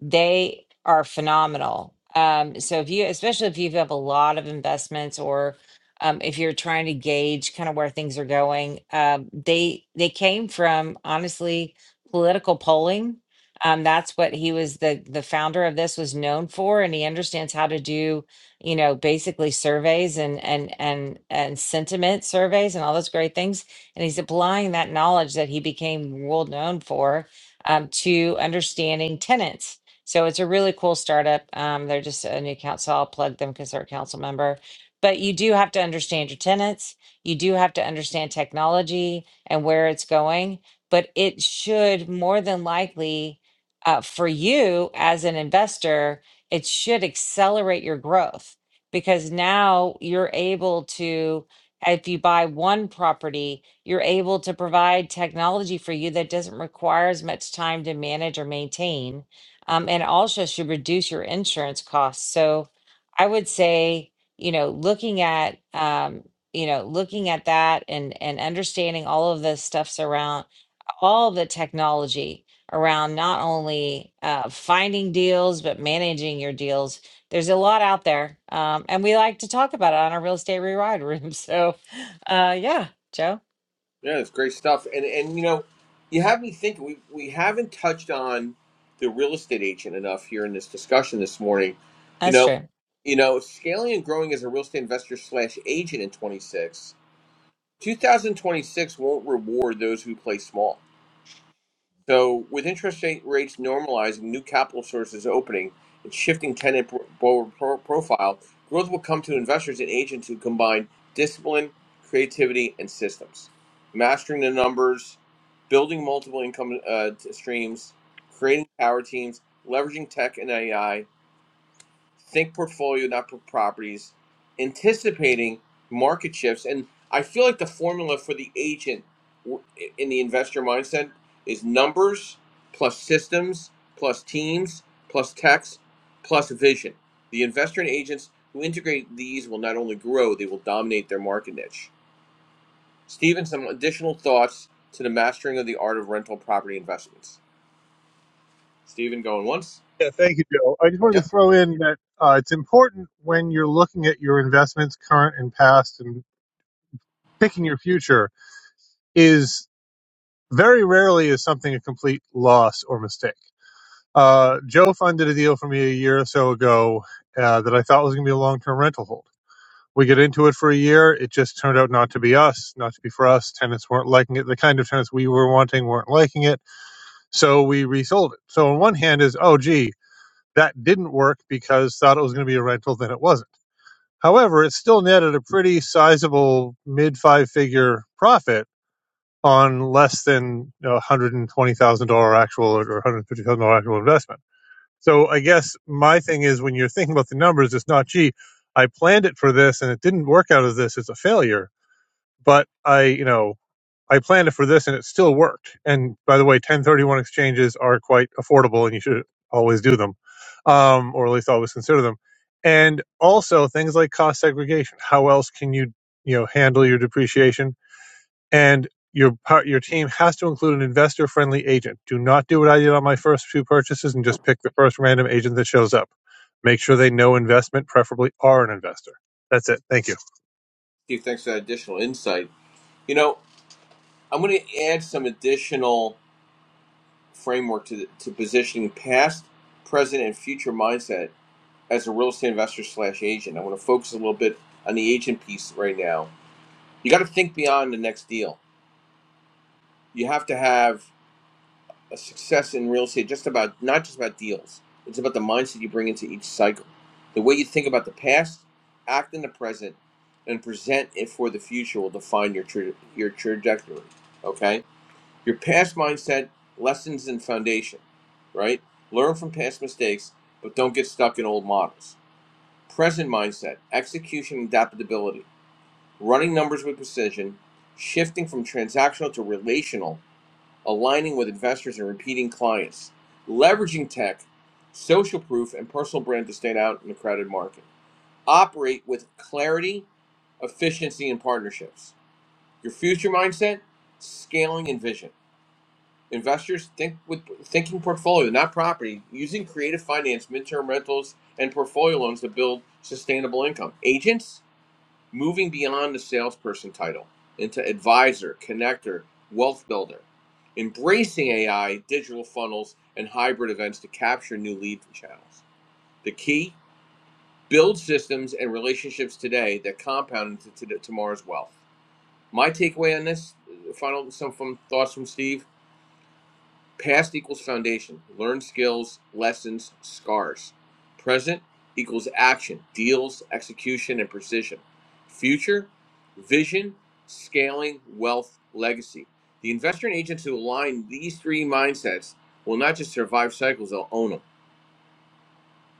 B: they are phenomenal. Um, so if you, especially if you have a lot of investments or um, if you're trying to gauge kind of where things are going, um, they they came from honestly political polling. Um, that's what he was the the founder of this was known for, and he understands how to do you know, basically surveys and and and and sentiment surveys and all those great things. And he's applying that knowledge that he became world known for um, to understanding tenants. So it's a really cool startup. Um, they're just a new council. So I'll plug them because they're a council member. But you do have to understand your tenants. You do have to understand technology and where it's going. But it should more than likely, uh, for you as an investor, it should accelerate your growth because now you're able to if you buy one property you're able to provide technology for you that doesn't require as much time to manage or maintain um, and also should reduce your insurance costs so i would say you know looking at um, you know looking at that and and understanding all of the stuffs around all the technology around not only uh, finding deals but managing your deals. There's a lot out there, um, and we like to talk about it on our real estate rewired room. So, uh, yeah, Joe,
A: Yeah, it's great stuff. And and you know, you have me thinking. We we haven't touched on the real estate agent enough here in this discussion this morning. You
B: that's
A: know.
B: true.
A: You know, scaling and growing as a real estate investor slash agent in 26, 2026 won't reward those who play small. So, with interest rate rates normalizing, new capital sources opening, and shifting tenant pro- pro- pro- profile, growth will come to investors and agents who combine discipline, creativity, and systems, mastering the numbers, building multiple income uh, t- streams, creating power teams, leveraging tech and AI, think portfolio, not properties, anticipating market shifts. And I feel like the formula for the agent in the investor mindset is numbers plus systems plus teams plus text plus vision. The investor and agents who integrate these will not only grow, they will dominate their market niche. Stephen, some additional thoughts to the mastering of the art of rental property investments. Stephen, going once?
D: Yeah, thank you, Joe. I just wanted to
A: Yep.
D: throw in that uh, it's important when you're looking at your investments, current and past, and picking your future, is very rarely is something a complete loss or mistake. Uh, Joe funded a deal for me a year or so ago uh, that I thought was going to be a long term rental hold. we get into it for a year. It just turned out not to be us, not to be for us. Tenants weren't liking it. The kind of tenants we were wanting weren't liking it. So we resold it. So on one hand is, oh, gee, that didn't work because thought it was going to be a rental, then it wasn't. However, it still netted a pretty sizable mid five figure profit on less than you know, $120,000 actual or $150,000 actual investment. So I guess my thing is when you're thinking about the numbers, it's not, gee, I planned it for this and it didn't work out as this. It's a failure but I, you know, I planned it for this and it still worked. And by the way, 1031 exchanges are quite affordable and you should always do them, um, or at least always consider them. And also things like cost segregation. How else can you, you know, handle your depreciation? And your part, your team has to include an investor friendly agent. Do not do what I did on my first few purchases and just pick the first random agent that shows up. Make sure they know investment, preferably are an investor. That's it. Thank you.
A: Steve, thanks for that additional insight. You know, I'm going to add some additional framework to to positioning past, present, and future mindset as a real estate investor slash agent. I want to focus a little bit on the agent piece right now. You got to think beyond the next deal. You have to have a success in real estate, just about not just about deals. It's about the mindset you bring into each cycle, the way you think about the past, act in the present, and present it for the future will define your tra- your trajectory. Okay Your past mindset, lessons, and foundation, right? Learn from past mistakes, but don't get stuck in old models. Present mindset, execution, and adaptability, running numbers with precision, shifting from transactional to relational, aligning with investors and repeating clients, leveraging tech, social proof, and personal brand to stand out in the crowded market. Operate with clarity, efficiency, and partnerships. Your future mindset, scaling and vision. Investors think with thinking portfolio, not property, using creative finance, midterm rentals, and portfolio loans to build sustainable income. Agents moving beyond the salesperson title into advisor, connector, wealth builder, embracing AI, digital funnels, and hybrid events to capture new lead channels. The key build systems and relationships today that compound into tomorrow's wealth. My takeaway on this, uh, final some from thoughts from Steve Past equals foundation, learned skills, lessons, scars. Present equals action, deals, execution, and precision. Future, vision, scaling, wealth, legacy. The investor and agents who align these three mindsets will not just survive cycles, they'll own them.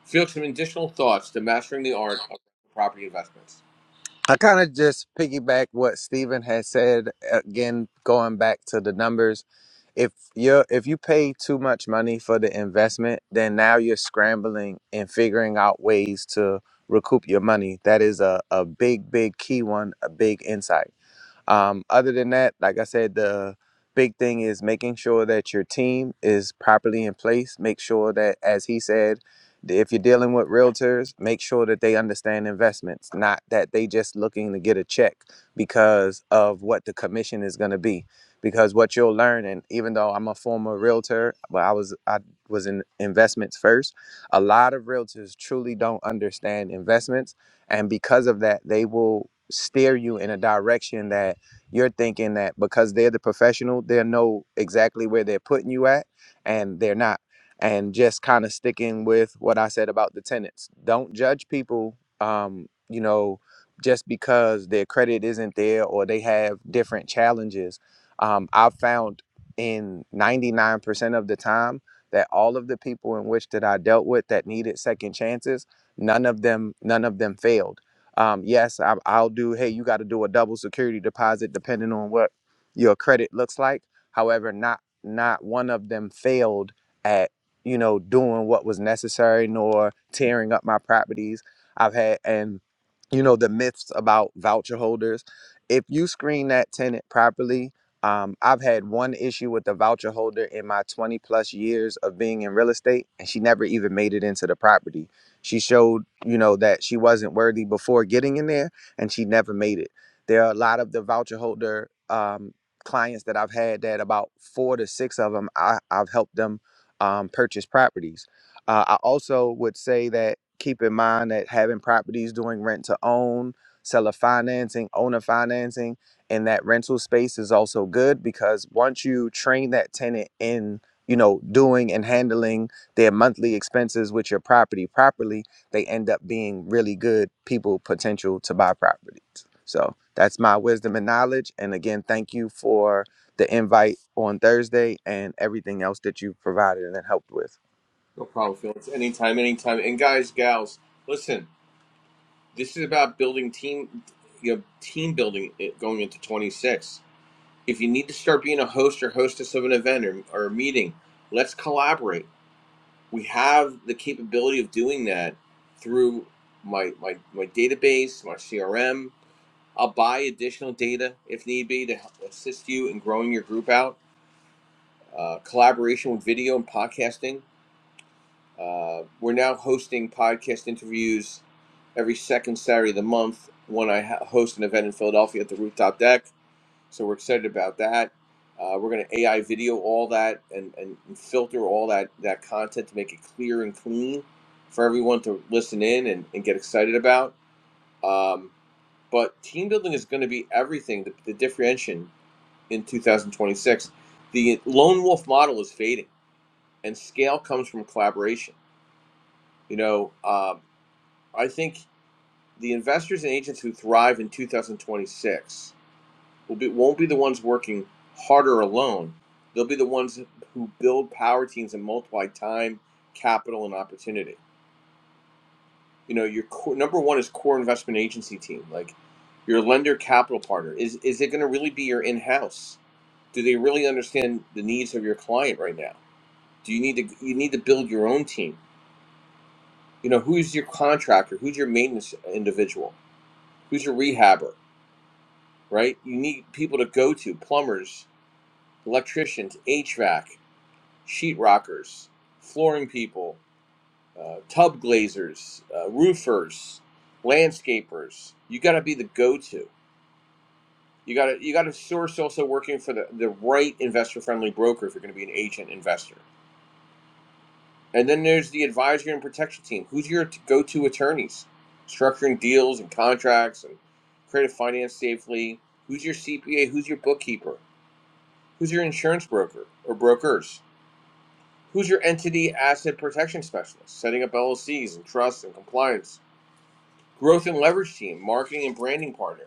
A: Felix, some additional thoughts to mastering the art of property investments.
C: I kind of just piggyback what Steven has said again, going back to the numbers. If you if you pay too much money for the investment, then now you're scrambling and figuring out ways to recoup your money. That is a, a big, big key one, a big insight. Um, other than that, like I said, the big thing is making sure that your team is properly in place. Make sure that, as he said, th- if you're dealing with realtors, make sure that they understand investments, not that they just looking to get a check because of what the commission is going to be. Because what you'll learn, and even though I'm a former realtor, but I was I was in investments first. A lot of realtors truly don't understand investments, and because of that, they will steer you in a direction that you're thinking that because they're the professional, they'll know exactly where they're putting you at, and they're not. And just kind of sticking with what I said about the tenants. Don't judge people, um, you know, just because their credit isn't there or they have different challenges. Um, I've found in 99% of the time that all of the people in which that I dealt with that needed second chances, none of them, none of them failed um, yes, I, I'll do. Hey, you got to do a double security deposit depending on what your credit looks like. However, not not one of them failed at you know doing what was necessary nor tearing up my properties. I've had and you know the myths about voucher holders. If you screen that tenant properly, um, I've had one issue with the voucher holder in my 20 plus years of being in real estate, and she never even made it into the property she showed, you know, that she wasn't worthy before getting in there and she never made it. There are a lot of the voucher holder um, clients that I've had that about four to six of them, I, I've helped them um, purchase properties. Uh, I also would say that keep in mind that having properties doing rent to own, seller financing, owner financing, and that rental space is also good because once you train that tenant in, you know, doing and handling their monthly expenses with your property properly, they end up being really good people potential to buy properties. So that's my wisdom and knowledge. And again, thank you for the invite on Thursday and everything else that you've provided and helped with.
A: No problem, Felix. Anytime, anytime. And guys, gals, listen, this is about building team, you know, team building going into 26 If you need to start being a host or hostess of an event or, or a meeting, let's collaborate. We have the capability of doing that through my, my, my database, my CRM. I'll buy additional data if need be to help assist you in growing your group out. Uh, collaboration with video and podcasting. Uh, we're now hosting podcast interviews every second Saturday of the month when I host an event in Philadelphia at the Rooftop Deck. So we're excited about that. Uh, we're going to AI video all that and, and filter all that, that content to make it clear and clean for everyone to listen in and, and get excited about. Um, but team building is going to be everything, the, the differentiation in 2026. The lone wolf model is fading, and scale comes from collaboration. You know, um, I think the investors and agents who thrive in 2026 will be, won't be the ones working harder alone. They'll be the ones who build power teams and multiply time, capital, and opportunity. You know, your core, number one is core investment agency team, like your lender capital partner. Is is it going to really be your in house? Do they really understand the needs of your client right now? Do you need to you need to build your own team? You know, who's your contractor? Who's your maintenance individual? Who's your rehabber? Right? You need people to go to plumbers, electricians, HVAC. sheetrockers, flooring people, uh, tub glazers, uh, roofers, landscapers. You got to be the go-to. You got to you got to source also working for the, the right investor-friendly broker if you're going to be an agent investor. And then there's the advisory and protection team. Who's your t- go-to attorneys? Structuring deals and contracts and creative finance safely. Who's your CPA? Who's your bookkeeper? Who's your insurance broker or brokers? Who's your entity asset protection specialist? Setting up LLCs and trusts and compliance. Growth and leverage team, marketing and branding partner.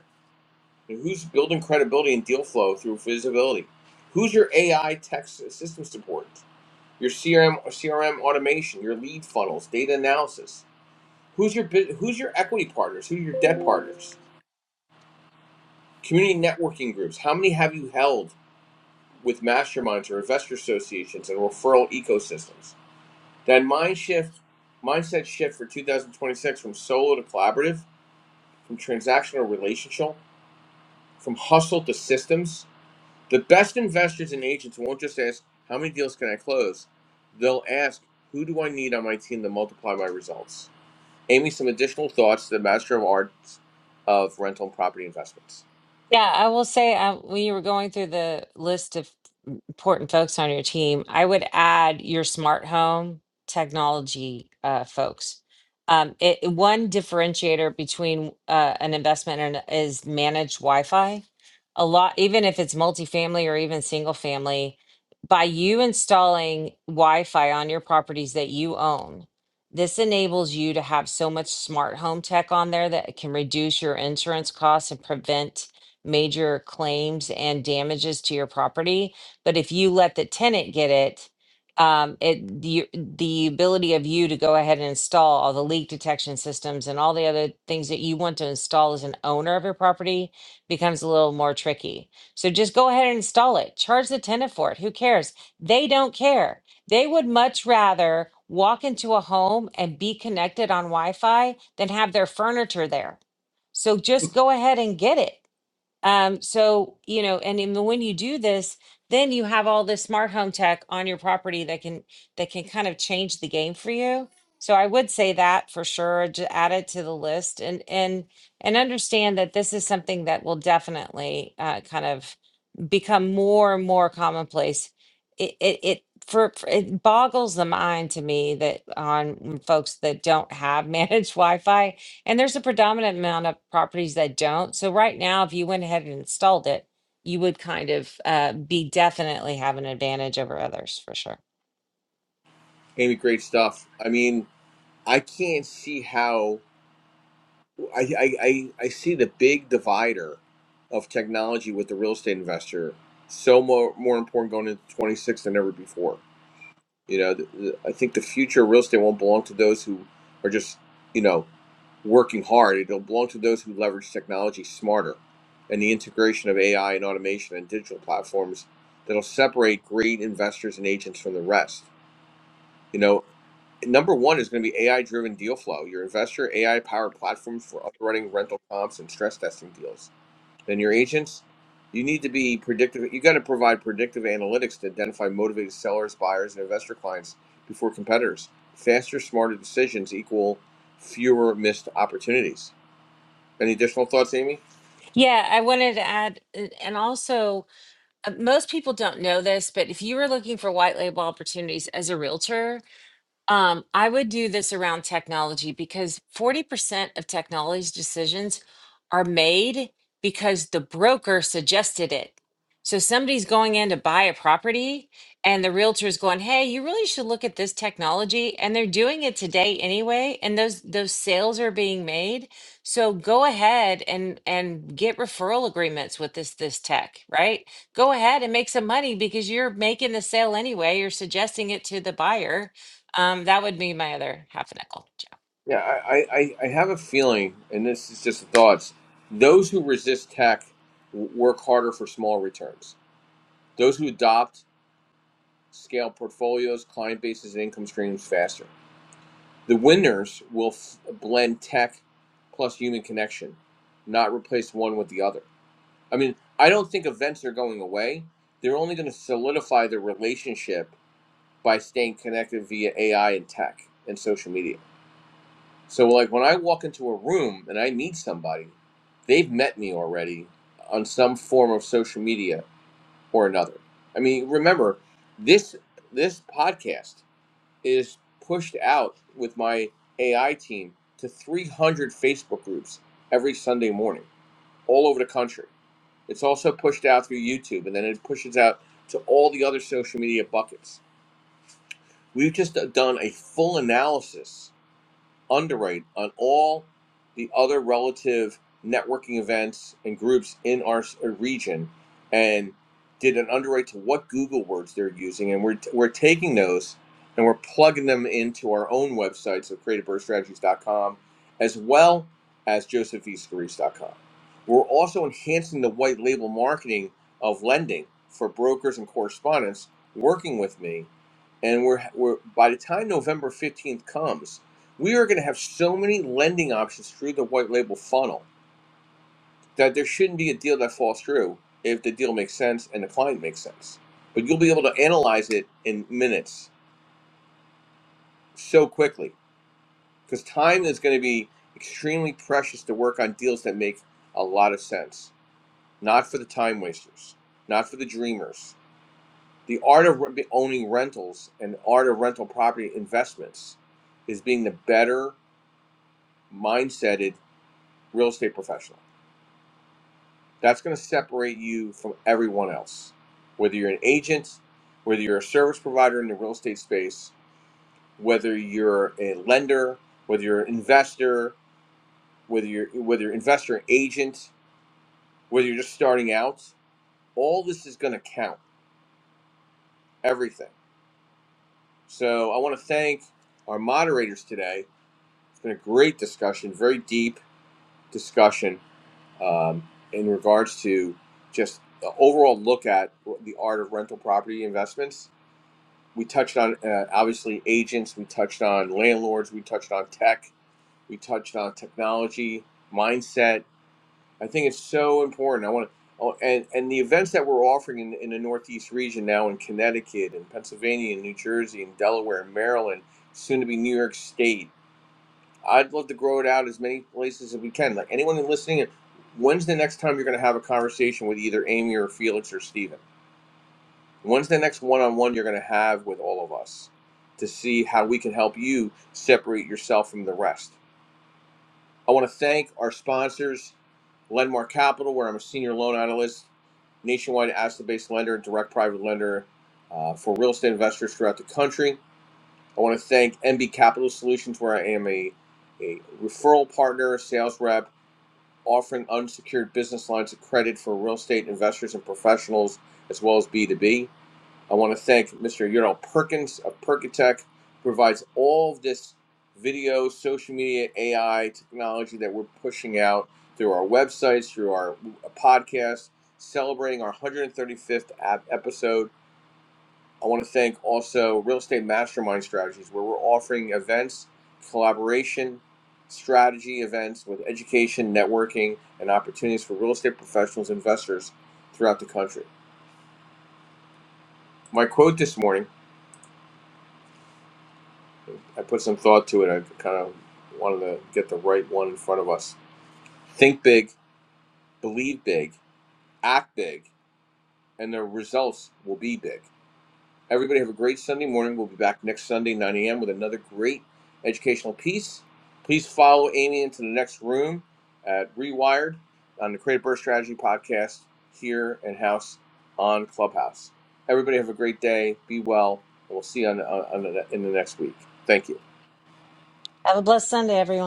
A: And who's building credibility and deal flow through visibility? Who's your AI tech s- system support? Your CRM, CRM automation, your lead funnels, data analysis. Who's your bu- who's your equity partners? Who's your debt partners? Community networking groups. How many have you held with masterminds or investor associations and referral ecosystems? Then mind shift, mindset shift for 2026 from solo to collaborative, from transactional to relational, from hustle to systems. The best investors and agents won't just ask how many deals can I close. They'll ask who do I need on my team to multiply my results. Amy, some additional thoughts to the master of arts of rental and property investments.
B: Yeah, I will say uh, when you were going through the list of important folks on your team, I would add your smart home technology uh, folks. Um, it, it- one differentiator between uh, an investment and is managed Wi-Fi. A lot, even if it's multifamily or even single family, by you installing Wi-Fi on your properties that you own, this enables you to have so much smart home tech on there that it can reduce your insurance costs and prevent major claims and damages to your property but if you let the tenant get it, um, it the the ability of you to go ahead and install all the leak detection systems and all the other things that you want to install as an owner of your property becomes a little more tricky. So just go ahead and install it. Charge the tenant for it. Who cares? They don't care. They would much rather walk into a home and be connected on Wi-Fi than have their furniture there. So just go ahead and get it. Um, so, you know, and in the, when you do this, then you have all this smart home tech on your property that can that can kind of change the game for you. So I would say that for sure, to add it to the list and and and understand that this is something that will definitely uh, kind of become more and more commonplace. It it, it for, for it boggles the mind to me that on mm, folks that don't have managed Wi-Fi, and there's a predominant amount of properties that don't. So right now, if you went ahead and installed it, you would kind of uh, be definitely have an advantage over others for sure.
A: Amy, great stuff. I mean, I can't see how. I, I, I I see the big divider of technology with the real estate investor so more, more important going into 26 than ever before. You know, the, the, I think the future of real estate won't belong to those who are just, you know, working hard. It'll belong to those who leverage technology smarter and the integration of AI and automation and digital platforms that'll separate great investors and agents from the rest. You know, number one is going to be AI driven deal flow, your investor AI powered platform for underwriting rental comps and stress testing deals. Then your agents, you need to be predictive. You got to provide predictive analytics to identify motivated sellers, buyers, and investor clients before competitors. Faster, smarter decisions equal fewer missed opportunities. Any additional thoughts, Amy?
B: Yeah, I wanted to add, a- and also uh, most people don't know this, but if you were looking for white label opportunities as a realtor, Um, I would do this around technology because 40% of technology's decisions are made because the broker suggested it. So somebody's going in to buy a property and the realtor's going, "Hey, you really should look at this technology." And they're doing it today anyway, and those those sales are being made. So go ahead and and get referral agreements with this this tech, right? Go ahead and make some money because you're making the sale anyway, you're suggesting it to the buyer um, that would be my other half a nickel. Ciao.
A: Yeah, I, I, I have a feeling, and this is just thoughts, those who resist tech w- work harder for small returns. Those who adopt scale portfolios, client bases, and income streams faster. The winners will f- blend tech plus human connection, not replace one with the other. I mean, I don't think events are going away. They're only going to solidify their relationship by staying connected via AI and tech and social media. So, like when I walk into a room and I meet somebody, they've met me already on some form of social media or another. I mean, remember this this podcast. is pushed out with my AI team to 300 Facebook groups every Sunday morning, all over the country. It's also pushed out through YouTube, and then it pushes out to all the other social media buckets. We've just done a full analysis underwrite on all the other relative networking events and groups in our region and did an underwrite to what Google words they're using. And we're, we're taking those and we're plugging them into our own websites of com as well as joseph e scarice dot com. We're also enhancing the white label marketing of lending for brokers and correspondents working with me and we're, we're by the time November 15th comes we are going to have so many lending options through the white label funnel that there shouldn't be a deal that falls through if the deal makes sense and the client makes sense. But you'll be able to analyze it in minutes so quickly because time is going to be extremely precious to work on deals that make a lot of sense. Not for the time wasters, not for the dreamers. The art of re- owning rentals and the art of rental property investments is being the better mindseted real estate professional. That's going to separate you from everyone else. Whether you're an agent, whether you're a service provider in the real estate space, whether you're a lender, whether you're an investor, whether you're whether you're investor and agent, whether you're just starting out, all this is going to count. Everything. So I want to thank our moderators today. It's been a great discussion, very deep discussion um, in regards to just the overall look at the art of rental property investments We touched on uh, obviously agents, we touched on landlords, we touched on tech, we touched on technology, mindset. I think it's so important. I want to, and, and the events that we're offering in, in the Northeast region now in Connecticut and Pennsylvania and New Jersey and Delaware and Maryland, soon to be New York State. I'd love to grow it out as many places as we can. Like anyone listening, when's the next time you're going to have a conversation with either Amy or Felix or Steven? When's the next one on one you're going to have with all of us to see how we can help you separate yourself from the rest? I want to thank our sponsors, Lendmark Capital, where I'm a senior loan analyst, nationwide asset based lender, and direct private lender uh, for real estate investors throughout the country. I want to thank MB Capital Solutions, where I am a, a referral partner, sales rep, offering unsecured business lines of credit for real estate investors and professionals, as well as B2B. I want to thank Mr. Ural Perkins of Perkatech, who provides all of this video, social media, AI technology that we're pushing out through our websites, through our podcast, celebrating our 135th ap- episode. I want to thank also Real Estate Mastermind Strategies, where we're offering events, collaboration, strategy events with education, networking, and opportunities for real estate professionals, and investors throughout the country. My quote this morning. I put some thought to it. I kind of wanted to get the right one in front of us. Think big, believe big, act big, and the results will be big. Everybody have a great Sunday morning. We'll be back next Sunday, 9 a.m., with another great educational piece. Please follow Amy into the next room at Rewired on the Creative Birth Strategy podcast here in house on Clubhouse. Everybody have a great day. Be well. And we'll see you on, on, on the, in the next week. Thank you.
B: Have a blessed Sunday, everyone.